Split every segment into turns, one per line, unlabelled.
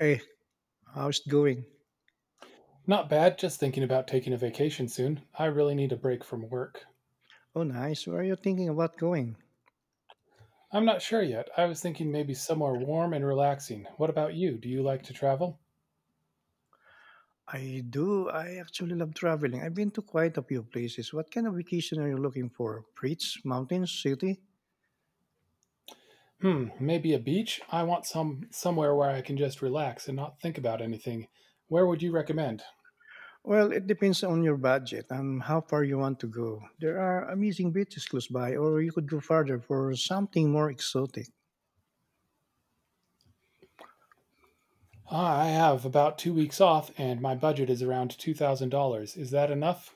Hey, how's it going?
Not bad, just thinking about taking a vacation soon. I really need a break from work.
Oh, nice. Where are you thinking about going?
I'm not sure yet. I was thinking maybe somewhere warm and relaxing. What about you? Do you like to travel?
I do. I actually love traveling. I've been to quite a few places. What kind of vacation are you looking for? Beach, mountains, city?
Hmm, maybe a beach? I want some somewhere where I can just relax and not think about anything. Where would you recommend?
Well, it depends on your budget and how far you want to go. There are amazing beaches close by, or you could go farther for something more exotic.
Ah, I have about 2 weeks off and my budget is around $2,000. Is that enough?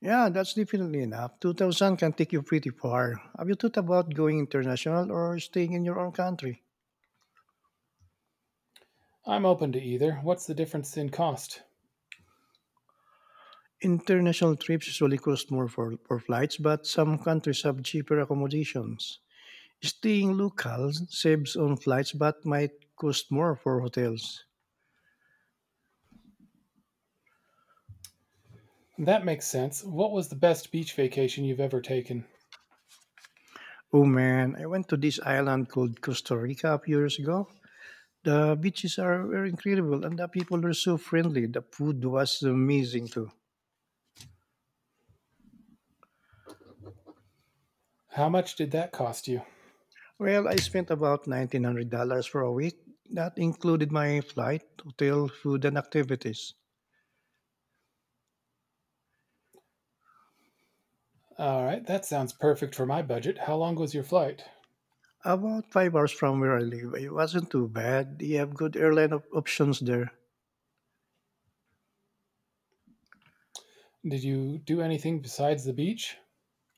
Yeah, that's definitely enough. 2000 can take you pretty far. Have you thought about going international or staying in your own country?
I'm open to either. What's the difference in cost?
International trips usually cost more for flights, but some countries have cheaper accommodations. Staying local saves on flights but might cost more for hotels.
That makes sense. What was the best beach vacation you've ever taken?
Oh man, I went to this island called Costa Rica a few years ago. The beaches are were incredible and the people were so friendly. The food was amazing too.
How much did that cost you?
Well, I spent about $1,900 for a week. That included my flight, hotel, food, and activities.
All right, that sounds perfect for my budget. How long was your flight?
About 5 hours from where I live. It wasn't too bad. You have good options there.
Did you do anything besides the beach?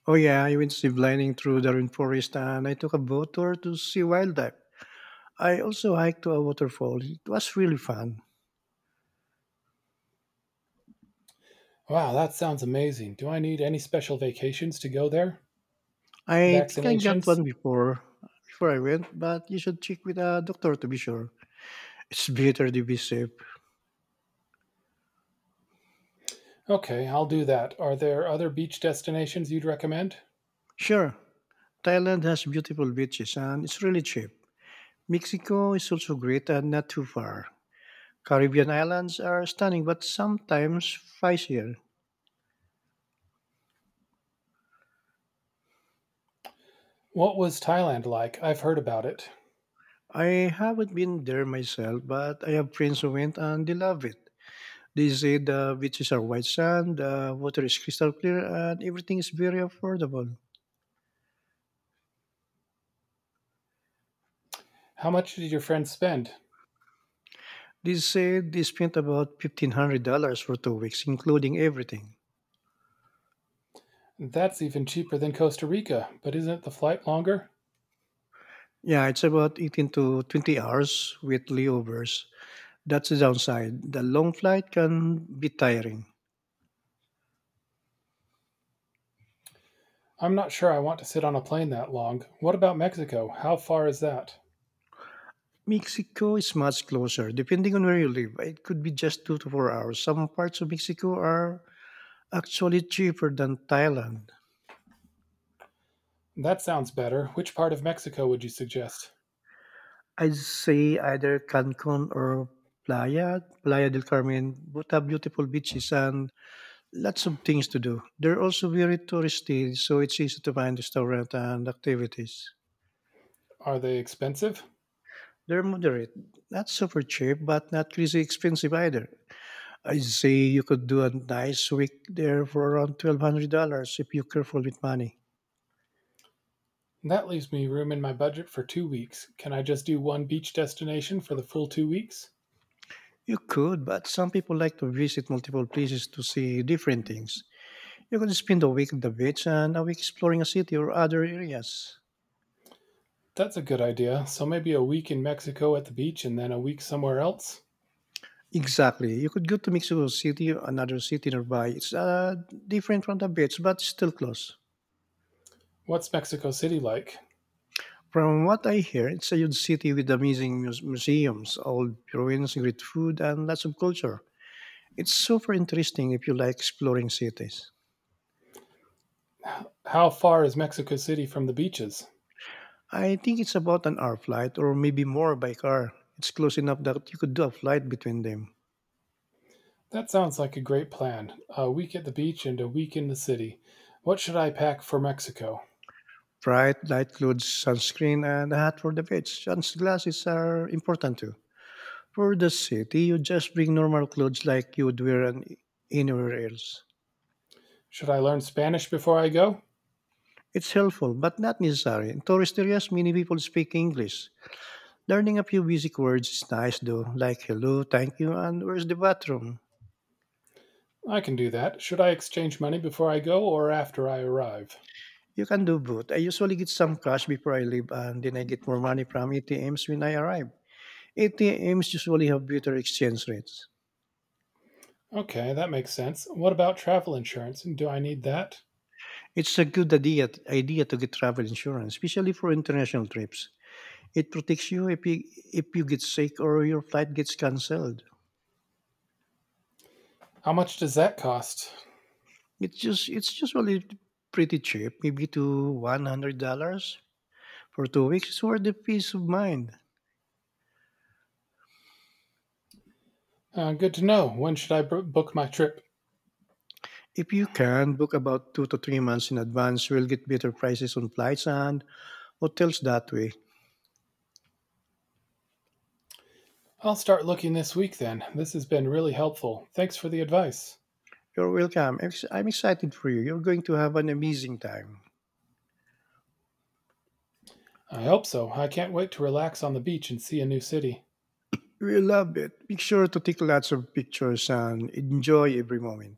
Oh yeah, I went ziplining through the rainforest and I took a boat tour to see wildlife. I also hiked to a waterfall. It was really fun.
Wow, that sounds amazing. Do I need any special vacations to go there?
I think I got
Vaccinations?
one before I went, but you should check with a doctor to be sure. It's better to be safe.
Okay, I'll do that. Are there other beach destinations you'd recommend?
Sure, Thailand has beautiful beaches and it's really cheap. Mexico is also great and not too far. Caribbean islands are stunning but sometimes pricier.
What was Thailand like? I've heard about it.
I haven't been there myself, but I have friends who went and they love it. They say the beaches are white sand, the water is crystal clear, and everything is very affordable.
How much did your friend spend?
They say they spent about $1,500 for 2 weeks, including everything.
That's even cheaper than Costa Rica, but isn't the flight longer?
Yeah, it's about 18 to 20 hours with layovers. That's the downside. The long flight can be tiring.
I'm not sure I want to sit on a plane that long. What about Mexico? How far is that?
Mexico is much closer, depending on where you live. It could be just 2 to 4 hours. Some parts of Mexico are actually cheaper than Thailand.
That sounds better. Which part of Mexico would you suggest?
I'd say either Cancun or Playa del Carmen. Both have beautiful beaches and lots of things to do. They're also very touristy, so it's easy to find restaurants and activities.
Are they expensive?
They're moderate, not super cheap, but not crazy expensive either. I'd say you could do a nice week there for around $1,200 if you're careful with money.
That leaves me room in my budget for 2 weeks. Can I just do one beach destination for the full 2 weeks?
You could, but some people like to visit multiple places to see different things. You could spend a week at the beach and a week exploring a city or other areas.
That's a good idea. So maybe a week in Mexico at the beach and then a week somewhere else?
Exactly. You could go to Mexico City, another city nearby. It's Different from the beach, but still close.
What's Mexico City like?
From what I hear, it's a huge city with amazing museums, old ruins, great food, and lots of culture. It's super interesting if you like exploring cities.
How far is Mexico City from the beaches?
I think it's about an hour flight or maybe more by car. It's close enough that you could do a flight between them.
That sounds like a great plan. A week at the beach and a week in the city. What should I pack for Mexico?
Bright light clothes, sunscreen, and a hat for the beach. Sunglasses are important too. For the city, you just bring normal clothes like you would anywhere else.
Should I learn Spanish before I go?
It's helpful, but not necessary. In tourist areas, many people speak English. Learning a few basic words is nice though, like hello, thank you, and where's the bathroom?
I can do that. Should I exchange money before I go or after I arrive?
You can do both. I usually get some cash before I leave, and then I get more money from ATMs when I arrive. ATMs usually have better exchange rates.
Okay, that makes sense. What about travel insurance? Do I need that?
It's a idea to get travel insurance, especially for international trips. It protects you if you get sick or your flight gets cancelled.
How much does that cost?
It's usually pretty cheap, maybe to $100 for 2 weeks. It's worth the peace of mind.
Good to know. When should I book my trip?
If you can book about 2 to 3 months in advance, you will get better prices on flights and hotels that way.
I'll start looking this week then. This has been really helpful. Thanks for the advice.
You're welcome. I'm excited for you. You're going to have an amazing time.
I hope so. I can't wait to relax on the beach and see a new city.
We love it. Make sure to take lots of pictures and enjoy every moment.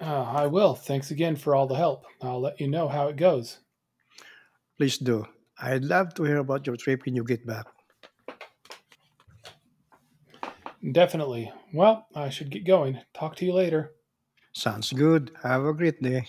I will. Thanks again for all the help. I'll let you know how it goes.
Please do. I'd love to hear about your trip when you get back.
Definitely. Well, I should get going. Talk to you later.
Sounds good. Have a great day.